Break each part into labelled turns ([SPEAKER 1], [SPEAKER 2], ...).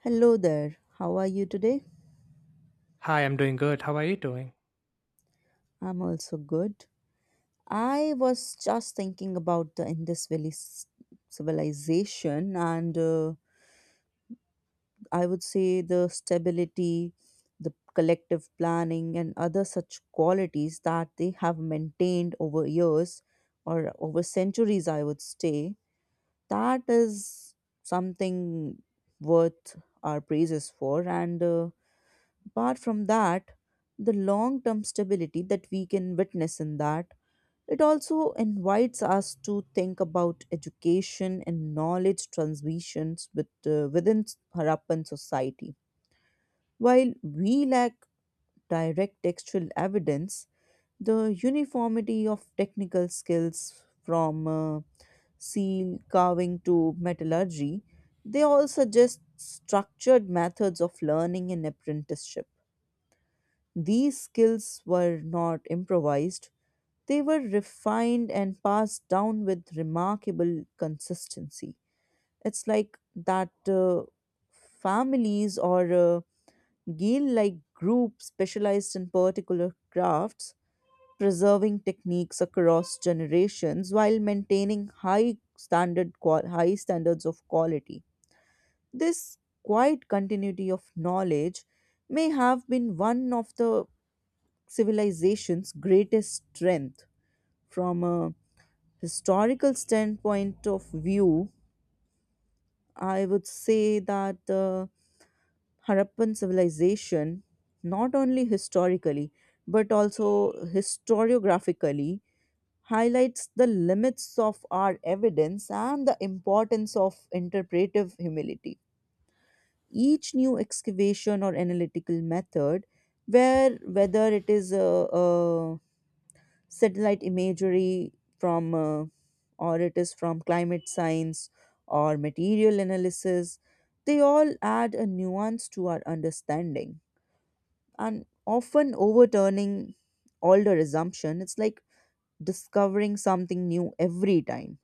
[SPEAKER 1] Hello there. How are you today?
[SPEAKER 2] Hi, I'm doing good. How are you doing?
[SPEAKER 1] I'm also good. I was just thinking about the civilization and I would say the stability, the collective planning, and other such qualities that they have maintained over years or over centuries, I would say. That is something worth our praises for. And Apart from that, the long term stability that we can witness in that, it also invites us to think about education and knowledge transmissions within Harappan society. While we lack direct textual evidence, the uniformity of technical skills from seal carving to metallurgy, they all suggest structured methods of learning and apprenticeship. These skills were not improvised, they were refined and passed down with remarkable consistency. It's like that Families or guild like groups specialized in particular crafts, preserving techniques across generations while maintaining high standards of quality. This quiet continuity of knowledge may have been one of the civilization's greatest strength from a historical standpoint of view. I would say that the Harappan civilization not only historically but also historiographically highlights the limits of our evidence and the importance of interpretive humility. Each new excavation or analytical method, where whether it is satellite imagery, from or it is from climate science or material analysis, they all add a nuance to our understanding and often overturning older assumption. It's like discovering something new every time.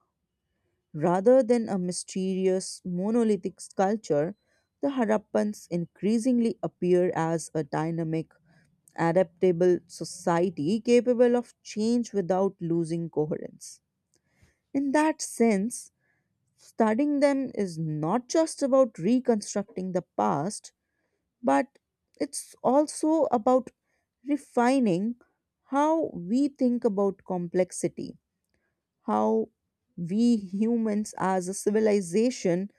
[SPEAKER 1] Rather than a mysterious monolithic sculpture, the Harappans increasingly appear as a dynamic, adaptable society capable of change without losing coherence. In that sense, studying them is not just about reconstructing the past, but it's also about refining how we think about complexity, how we humans as a civilization,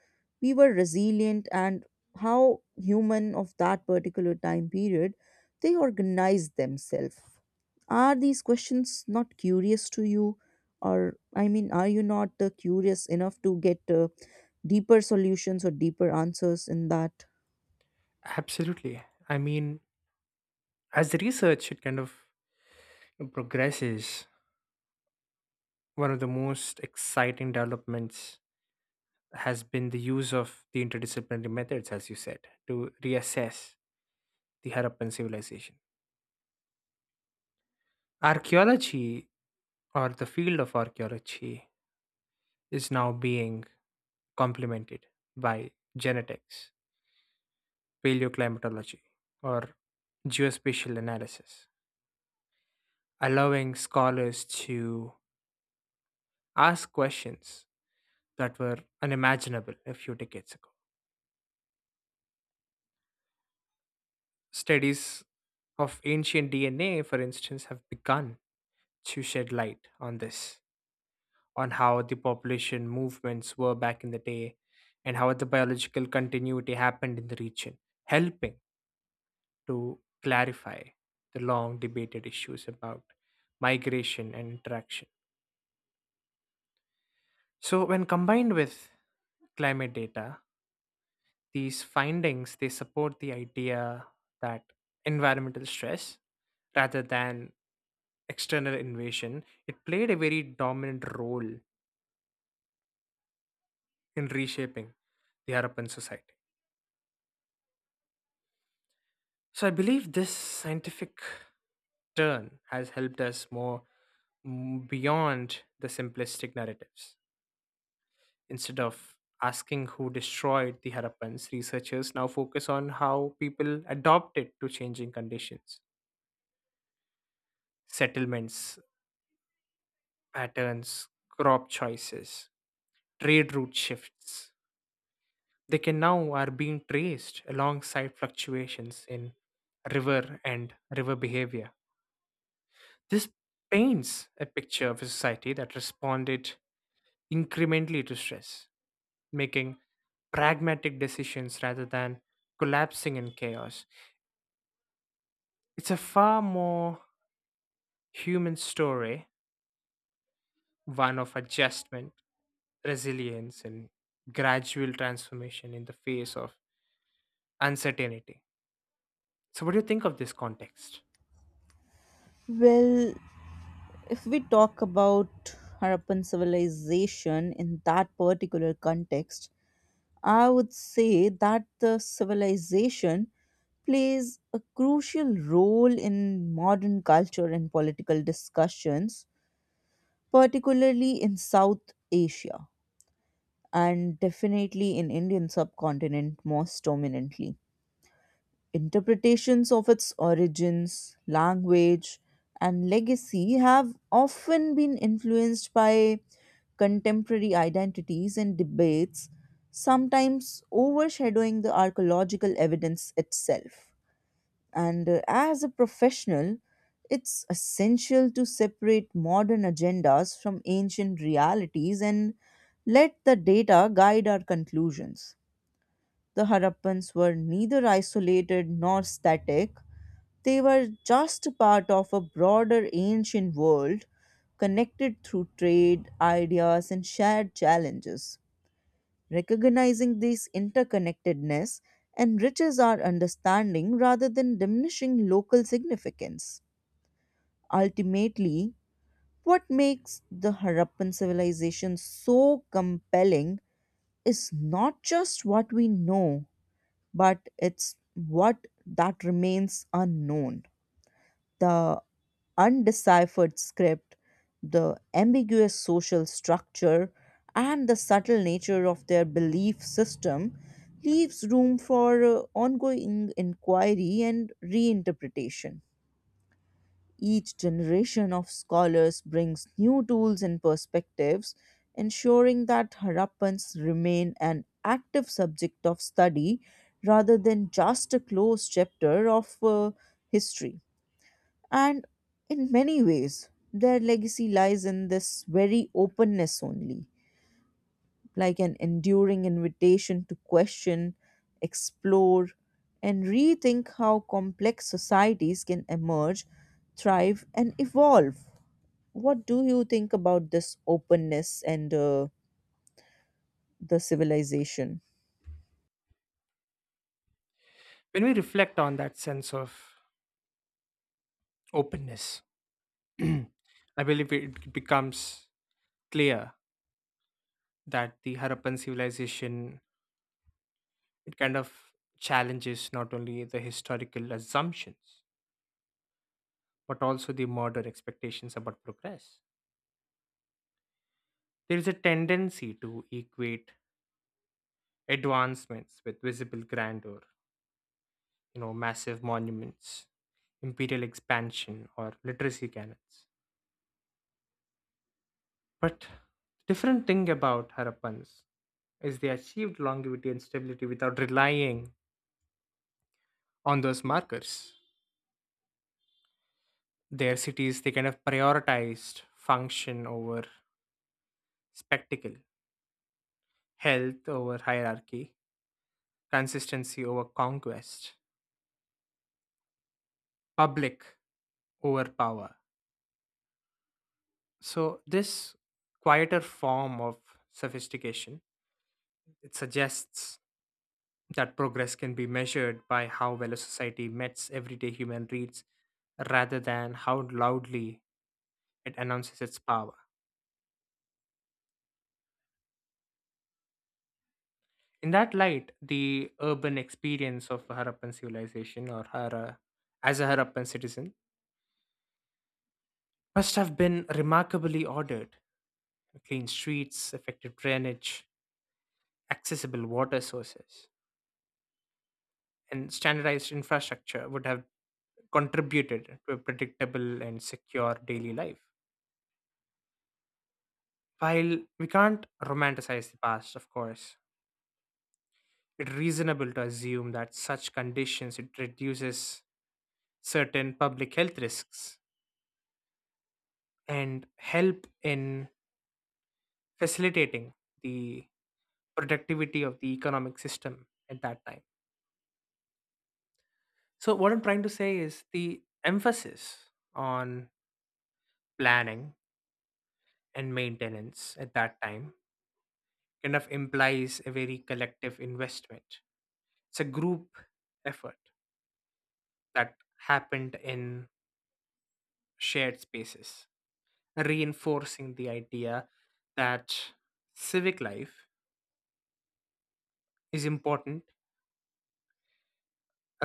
[SPEAKER 1] we were resilient, and how human of that particular time period they organized themselves. Are these questions not curious to you? Or I mean, are you not curious enough to get deeper solutions or deeper answers in that?
[SPEAKER 2] Absolutely. I mean, as the research it kind of progresses, one of the most exciting developments has been the use of the interdisciplinary methods, as you said, to reassess the Harappan civilization. Archaeology, or the field of archaeology, is now being complemented by genetics, paleoclimatology, or geospatial analysis, allowing scholars to asked questions that were unimaginable a few decades ago. Studies of ancient DNA, for instance, have begun to shed light on this, on how the population movements were back in the day and how the biological continuity happened in the region, helping to clarify the long debated issues about migration and interaction. So, when combined with climate data, these findings they support the idea that environmental stress rather than external invasion it played a very dominant role in reshaping the Harappan society. So I believe this scientific turn has helped us more beyond the simplistic narratives. Instead of asking who destroyed the Harappans, researchers now focus on how people adopted to changing conditions. Settlements patterns, crop choices, trade route shifts. They can now are being traced alongside fluctuations in river behavior. This paints a picture of a society that responded incrementally to stress, making pragmatic decisions rather than collapsing in chaos. It's a far more human story, one of adjustment, resilience, and gradual transformation in the face of uncertainty. So, what do you think of this context?
[SPEAKER 1] Well, if we talk about Harappan civilization in that particular context, I would say that the civilization plays a crucial role in modern culture and political discussions, particularly in South Asia and definitely in Indian subcontinent most dominantly. Interpretations of its origins, language, and legacy have often been influenced by contemporary identities and debates, sometimes overshadowing the archaeological evidence itself. And as a professional, it's essential to separate modern agendas from ancient realities and let the data guide our conclusions. The Harappans were neither isolated nor static. They were just a part of a broader ancient world connected through trade, ideas, and shared challenges. Recognizing this interconnectedness enriches our understanding rather than diminishing local significance. Ultimately, what makes the Harappan civilization so compelling is not just what we know, but it's what that remains unknown. The undeciphered script, the ambiguous social structure, and the subtle nature of their belief system leaves room for ongoing inquiry and reinterpretation. Each generation of scholars brings new tools and perspectives, ensuring that Harappans remain an active subject of study rather than just a closed chapter of history. And in many ways, their legacy lies in this very openness only, like an enduring invitation to question, explore, and rethink how complex societies can emerge, thrive, and evolve. What do you think about this openness and the civilization?
[SPEAKER 2] When we reflect on that sense of openness, I believe it becomes clear that the Harappan civilization it kind of challenges not only the historical assumptions but also the modern expectations about progress. There is a tendency to equate advancements with visible grandeur, you know, massive monuments, imperial expansion, or literacy canons. But the different thing about Harappans is they achieved longevity and stability without relying on those markers. Their cities, they kind of prioritized function over spectacle, health over hierarchy, consistency over conquest, public over power. So, this quieter form of sophistication, it suggests that progress can be measured by how well a society meets everyday human needs rather than how loudly it announces its power. In that light, the urban experience of a Harappan civilization or Hara as a Harappan citizen must have been remarkably ordered. Clean streets, effective drainage, accessible water sources, and standardized infrastructure would have contributed to a predictable and secure daily life. While we can't romanticize the past, of course, it's reasonable to assume that such conditions it reduces certain public health risks and help in facilitating the productivity of the economic system at that time. So what I'm trying to say is the emphasis on planning and maintenance at that time kind of implies a very collective investment. It's a group effort that happened in shared spaces, reinforcing the idea that civic life is important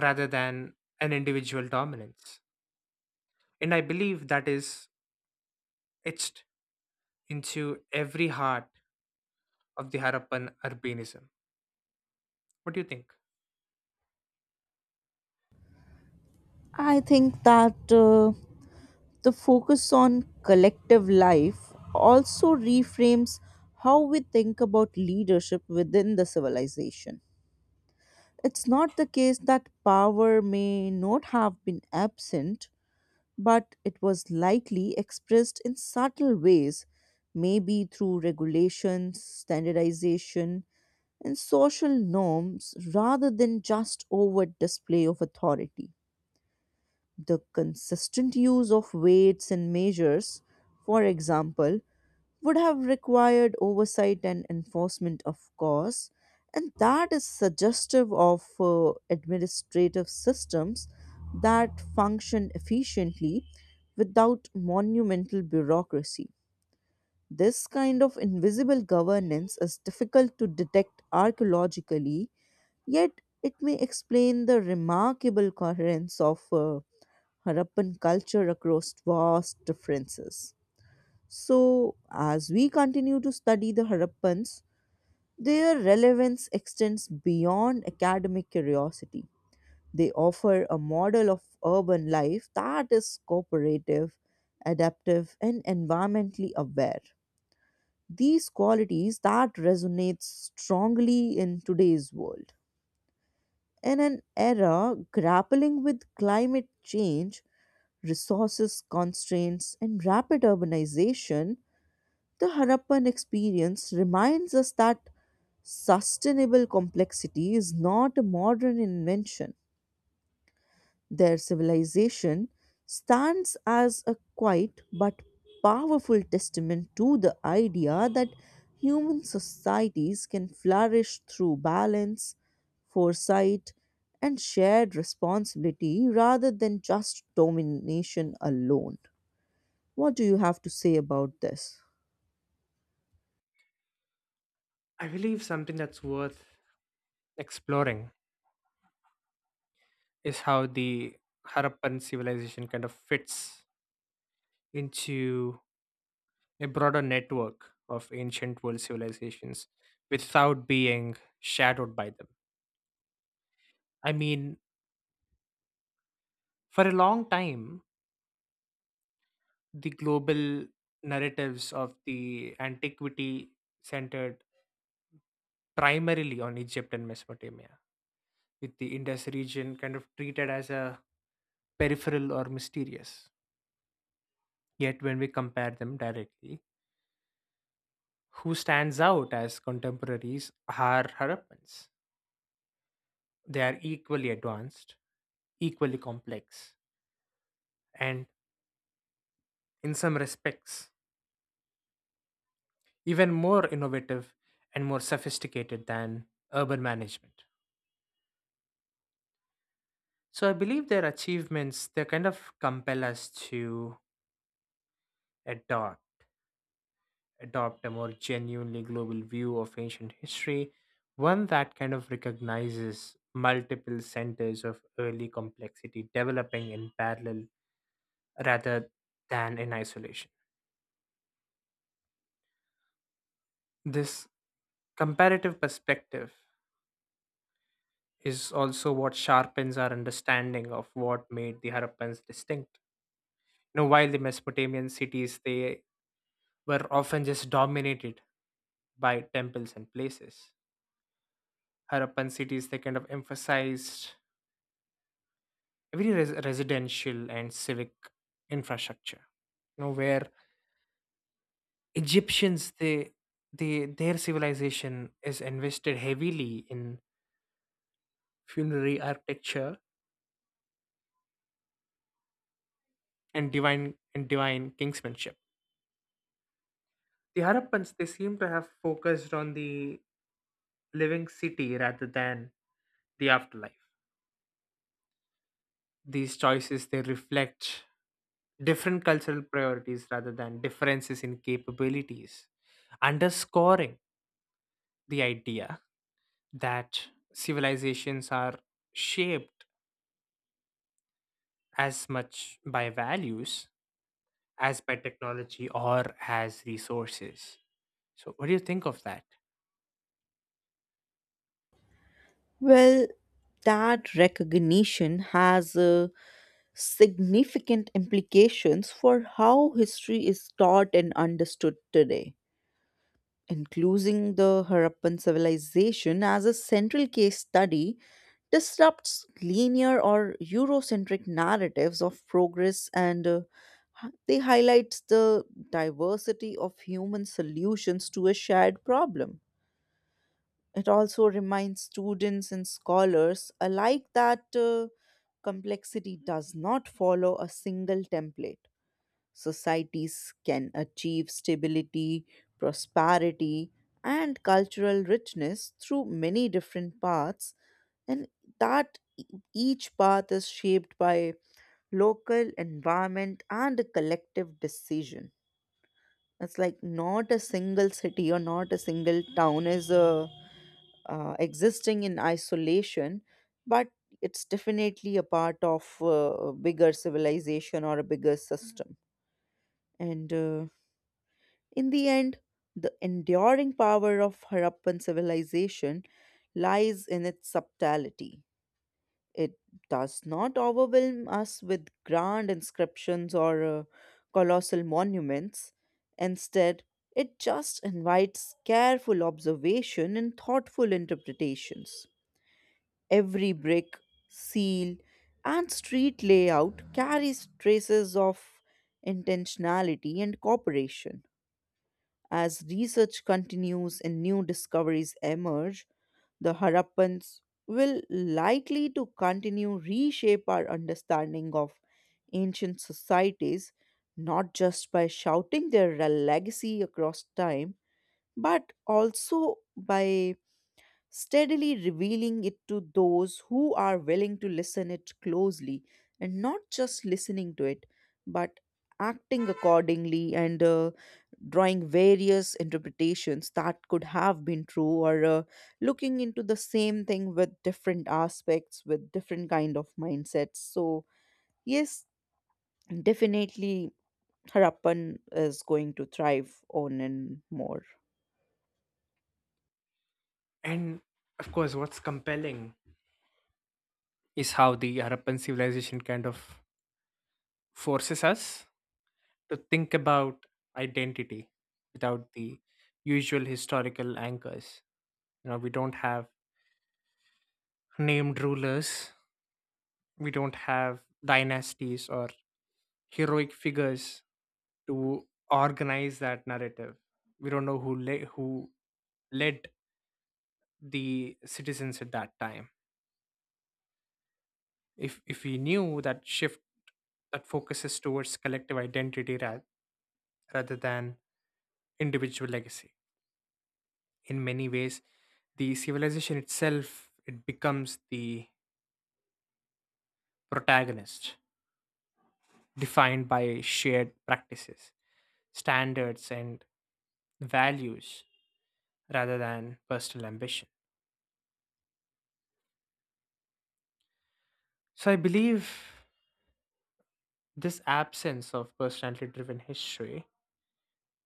[SPEAKER 2] rather than an individual dominance. And I believe that is etched into every heart of the Harappan urbanism. What do you think?
[SPEAKER 1] I think that the focus on collective life also reframes how we think about leadership within the civilization. It's not the case that power may not have been absent, but it was likely expressed in subtle ways, maybe through regulations, standardization, and social norms rather than just overt display of authority. The consistent use of weights and measures, for example, would have required oversight and enforcement, of course, and that is suggestive of administrative systems that function efficiently without monumental bureaucracy. This kind of invisible governance is difficult to detect archaeologically, yet it may explain the remarkable coherence of Harappan culture across vast differences. So, as we continue to study the Harappans, their relevance extends beyond academic curiosity. They offer a model of urban life that is cooperative, adaptive, and environmentally aware. These qualities that resonate strongly in today's world. In an era grappling with climate change, resources constraints, and rapid urbanization, the Harappan experience reminds us that sustainable complexity is not a modern invention. Their civilization stands as a quiet but powerful testament to the idea that human societies can flourish through balance, foresight, and shared responsibility rather than just domination alone. What do you have to say about this?
[SPEAKER 2] I believe something that's worth exploring is how the Harappan civilization kind of fits into a broader network of ancient world civilizations without being shadowed by them. I mean, for a long time, the global narratives of the antiquity centered primarily on Egypt and Mesopotamia, with the Indus region kind of treated as a peripheral or mysterious. Yet, when we compare them directly, who stands out as contemporaries are Harappans. They are equally advanced, equally complex, and in some respects, even more innovative and more sophisticated than urban management. So I believe their achievements they kind of compel us to adopt adopt a more genuinely global view of ancient history, one that kind of recognizes multiple centers of early complexity developing in parallel rather than in isolation. This comparative perspective is also what sharpens our understanding of what made the Harappans distinct. You know, while the Mesopotamian cities they were often just dominated by temples and places. Harappan cities, they kind of emphasized residential and civic infrastructure. You know, where Egyptians, their civilization is invested heavily in funerary architecture and divine kingsmanship. The Harappans, they seem to have focused on the living city rather than the afterlife. These choices, they reflect different cultural priorities rather than differences in capabilities, underscoring the idea that civilizations are shaped as much by values as by technology or as resources. So, what do you think of that?
[SPEAKER 1] Well, that recognition has significant implications for how history is taught and understood today. Including the Harappan civilization as a central case study disrupts linear or Eurocentric narratives of progress, and they highlights the diversity of human solutions to a shared problem. It also reminds students and scholars alike that complexity does not follow a single template. Societies can achieve stability, prosperity, and cultural richness through many different paths, and that e- each path is shaped by local environment and a collective decision. It's like not a single city or not a single town is a existing in isolation, but it's definitely a part of a bigger civilization or a bigger system. And in the end, the enduring power of Harappan civilization lies in its subtlety. It does not overwhelm us with grand inscriptions or colossal monuments. Instead, it just invites careful observation and thoughtful interpretations. Every brick, seal, and street layout carries traces of intentionality and cooperation. As research continues and new discoveries emerge, the Harappans will likely to continue reshape our understanding of ancient societies, not just by shouting their legacy across time, but also by steadily revealing it to those who are willing to listen it closely and not just listening to it, but acting accordingly, and drawing various interpretations that could have been true, or looking into the same thing with different aspects, with different kind of mindsets. So yes, definitely, Harappan is going to thrive on and more.
[SPEAKER 2] And of course, what's compelling is how the Harappan civilization kind of forces us to think about identity without the usual historical anchors. You know, we don't have named rulers. We don't have dynasties or heroic figures to organize that narrative. We don't know who led the citizens at that time. If we knew that shift that focuses towards collective identity rather than individual legacy, in many ways, the civilization itself it becomes the protagonist, defined by shared practices, standards, and values rather than personal ambition. So I believe this absence of personality driven history,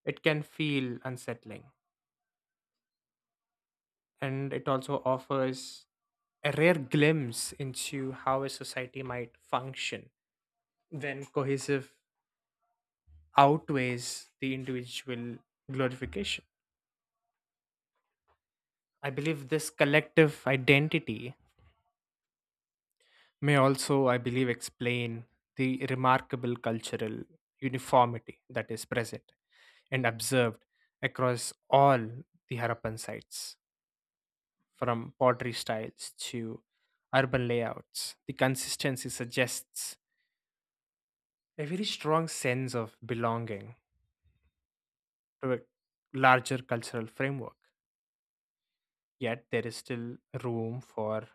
[SPEAKER 2] it can feel unsettling and it also offers a rare glimpse into how a society might function when cohesive outweighs the individual glorification. I believe this collective identity may also, I believe, explain the remarkable cultural uniformity that is present and observed across all the Harappan sites, from pottery styles to urban layouts. The consistency suggests a very strong sense of belonging to a larger cultural framework. Yet, there is still room for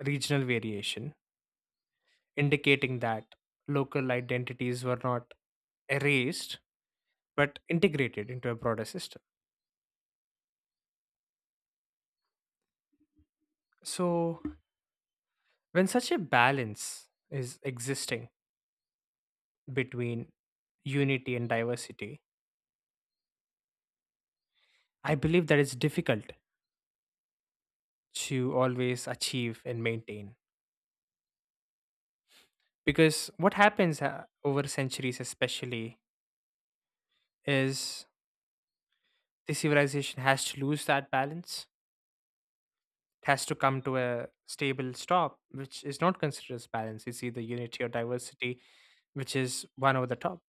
[SPEAKER 2] regional variation, indicating that local identities were not erased but integrated into a broader system. So, when such a balance is existing between unity and diversity, I believe that it's difficult to always achieve and maintain. Because what happens over centuries, especially, is the civilization has to lose that balance. It has to come to a stable stop, which is not considered as balance. It's either unity or diversity, which is one over the top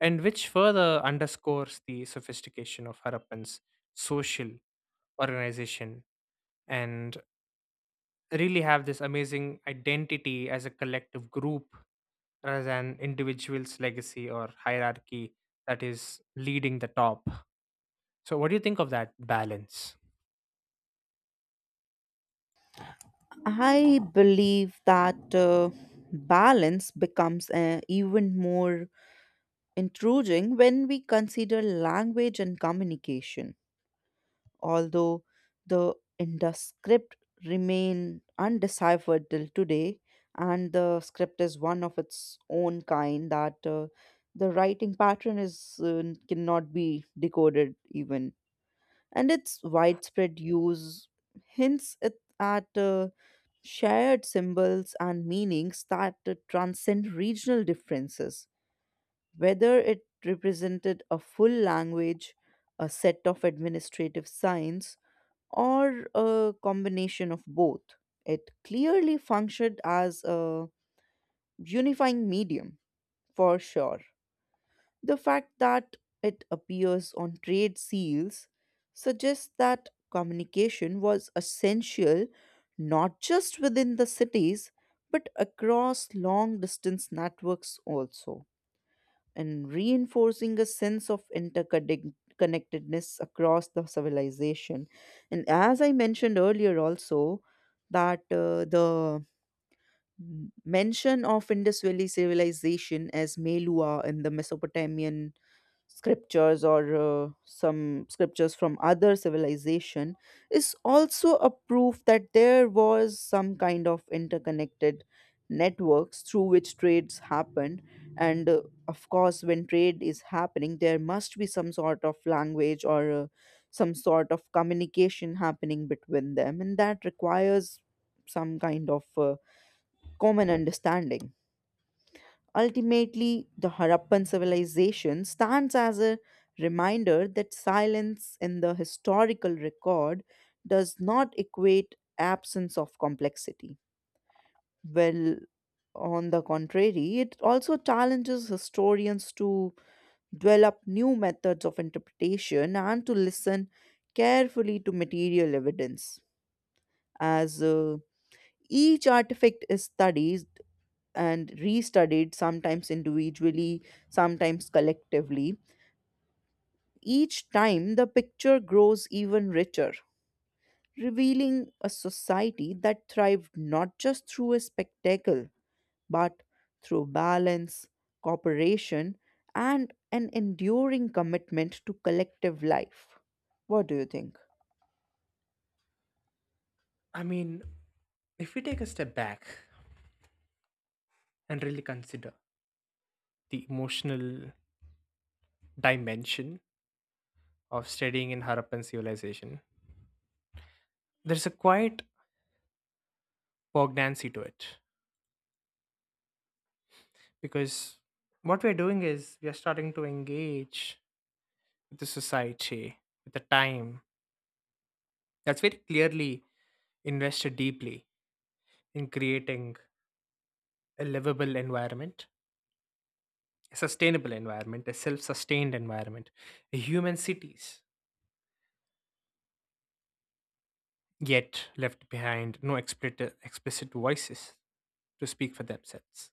[SPEAKER 2] and which further underscores the sophistication of Harappan's social organization and really have this amazing identity as a collective group rather than individual's legacy or hierarchy that is leading the top. So, what do you think of that balance?
[SPEAKER 1] I believe that balance becomes even more intruding when we consider language and communication. Although the Indus script remain undeciphered till today, and the script is one of its own kind that the writing pattern is cannot be decoded even, and its widespread use hints it at. Shared symbols and meanings that transcend regional differences, whether it represented a full language, a set of administrative signs, or a combination of both. It clearly functioned as a unifying medium, for sure. The fact that it appears on trade seals suggests that communication was essential not just within the cities but across long distance networks also, and reinforcing a sense of interconnectedness across the civilization. And as I mentioned earlier, also that the Mm. Mention of Indus Valley civilization as Melua in the Mesopotamian scriptures, or some scriptures from other civilization, is also a proof that there was some kind of interconnected networks through which trades happened. And of course, when trade is happening, there must be some sort of language, or some sort of communication happening between them, and that requires some kind of common understanding. Ultimately, the Harappan civilization stands as a reminder that silence in the historical record does not equate absence of complexity. Well, on the contrary, it also challenges historians to develop new methods of interpretation and to listen carefully to material evidence. As each artifact is studied and restudied, sometimes individually, sometimes collectively. Each time, the picture grows even richer, revealing a society that thrived not just through a spectacle, but through balance, cooperation, and an enduring commitment to collective life. What do you think?
[SPEAKER 2] I mean, if we take a step back and really consider the emotional dimension of studying in Harappan civilization, there's a quiet poignancy to it. Because what we're doing is we are starting to engage with the society with the time that's very clearly invested deeply in creating a livable environment, a sustainable environment, a self-sustained environment, a human cities, yet left behind no explicit voices to speak for themselves,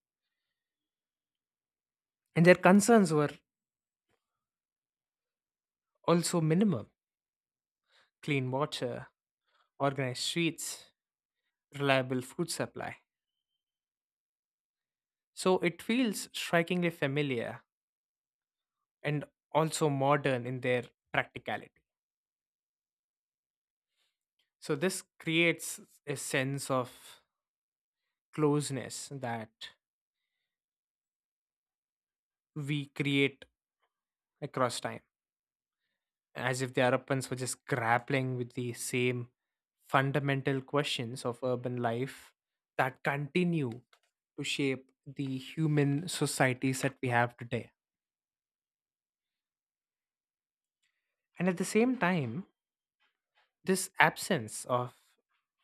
[SPEAKER 2] and their concerns were also minimum: clean water, organized streets, reliable food supply. So it feels strikingly familiar and also modern in their practicality. So this creates a sense of closeness that we create across time, as if the Arappans were just grappling with the same fundamental questions of urban life that continue to shape the human societies that we have today. And at the same time, this absence of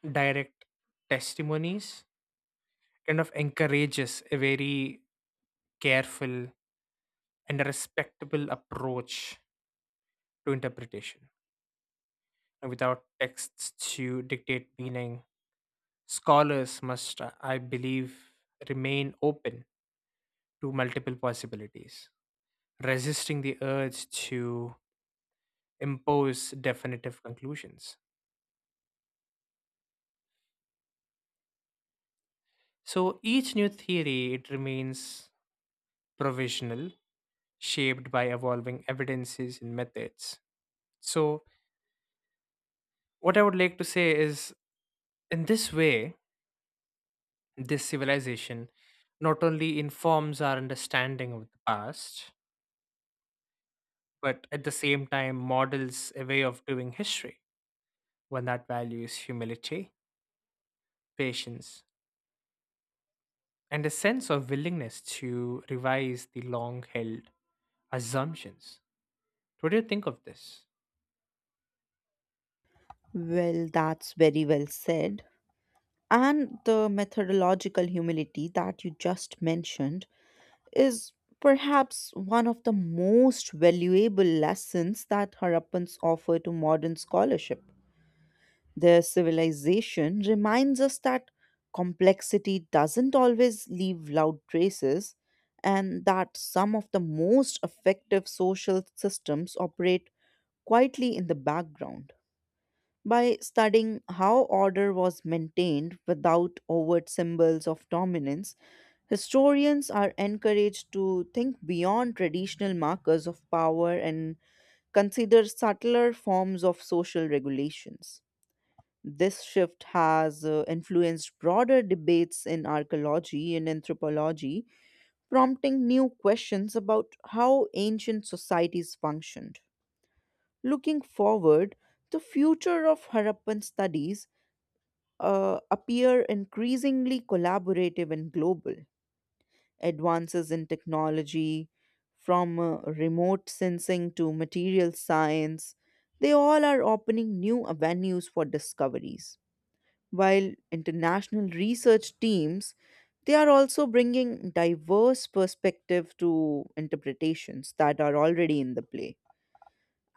[SPEAKER 2] direct testimonies kind of encourages a very careful and respectable approach to interpretation. And without texts to dictate meaning, scholars must, I believe, remain open to multiple possibilities, resisting the urge to impose definitive conclusions. So each new theory it remains provisional, shaped by evolving evidences and methods. So what I would like to say is, in this way, this civilization not only informs our understanding of the past, but at the same time models a way of doing history, one that values humility, patience, and a sense of willingness to revise the long held assumptions. What do you think of this?
[SPEAKER 1] Well, that's very well said. And the methodological humility that you just mentioned is perhaps one of the most valuable lessons that Harappans offer to modern scholarship. Their civilization reminds us that complexity doesn't always leave loud traces, and that some of the most effective social systems operate quietly in the background. By studying how order was maintained without overt symbols of dominance, historians are encouraged to think beyond traditional markers of power and consider subtler forms of social regulations. This shift has influenced broader debates in archaeology and anthropology, prompting new questions about how ancient societies functioned. Looking forward, the future of Harappan studies appear increasingly collaborative and global. Advances in technology, from remote sensing to material science, they all are opening new avenues for discoveries. While international research teams, they are also bringing diverse perspective to interpretations that are already in the play.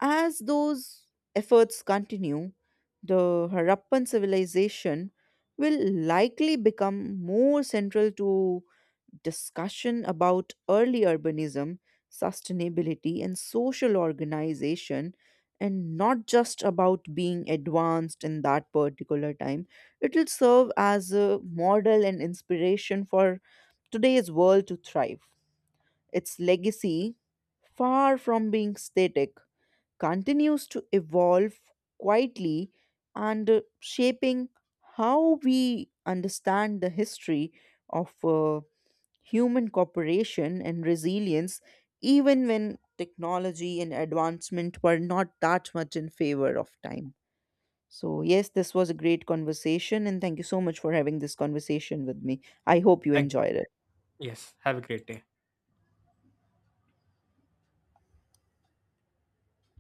[SPEAKER 1] As those efforts continue, the Harappan civilization will likely become more central to discussion about early urbanism, sustainability, and social organization, and not just about being advanced in that particular time. It will serve as a model and inspiration for today's world to thrive. Its legacy, far from being static, continues to evolve quietly, and shaping how we understand the history of human cooperation and resilience, even when technology and advancement were not that much in favor of time. So, yes, this was a great conversation, and thank you so much for having this conversation with me. I hope you
[SPEAKER 2] Thank
[SPEAKER 1] enjoyed it.
[SPEAKER 2] you. Yes, have a great day.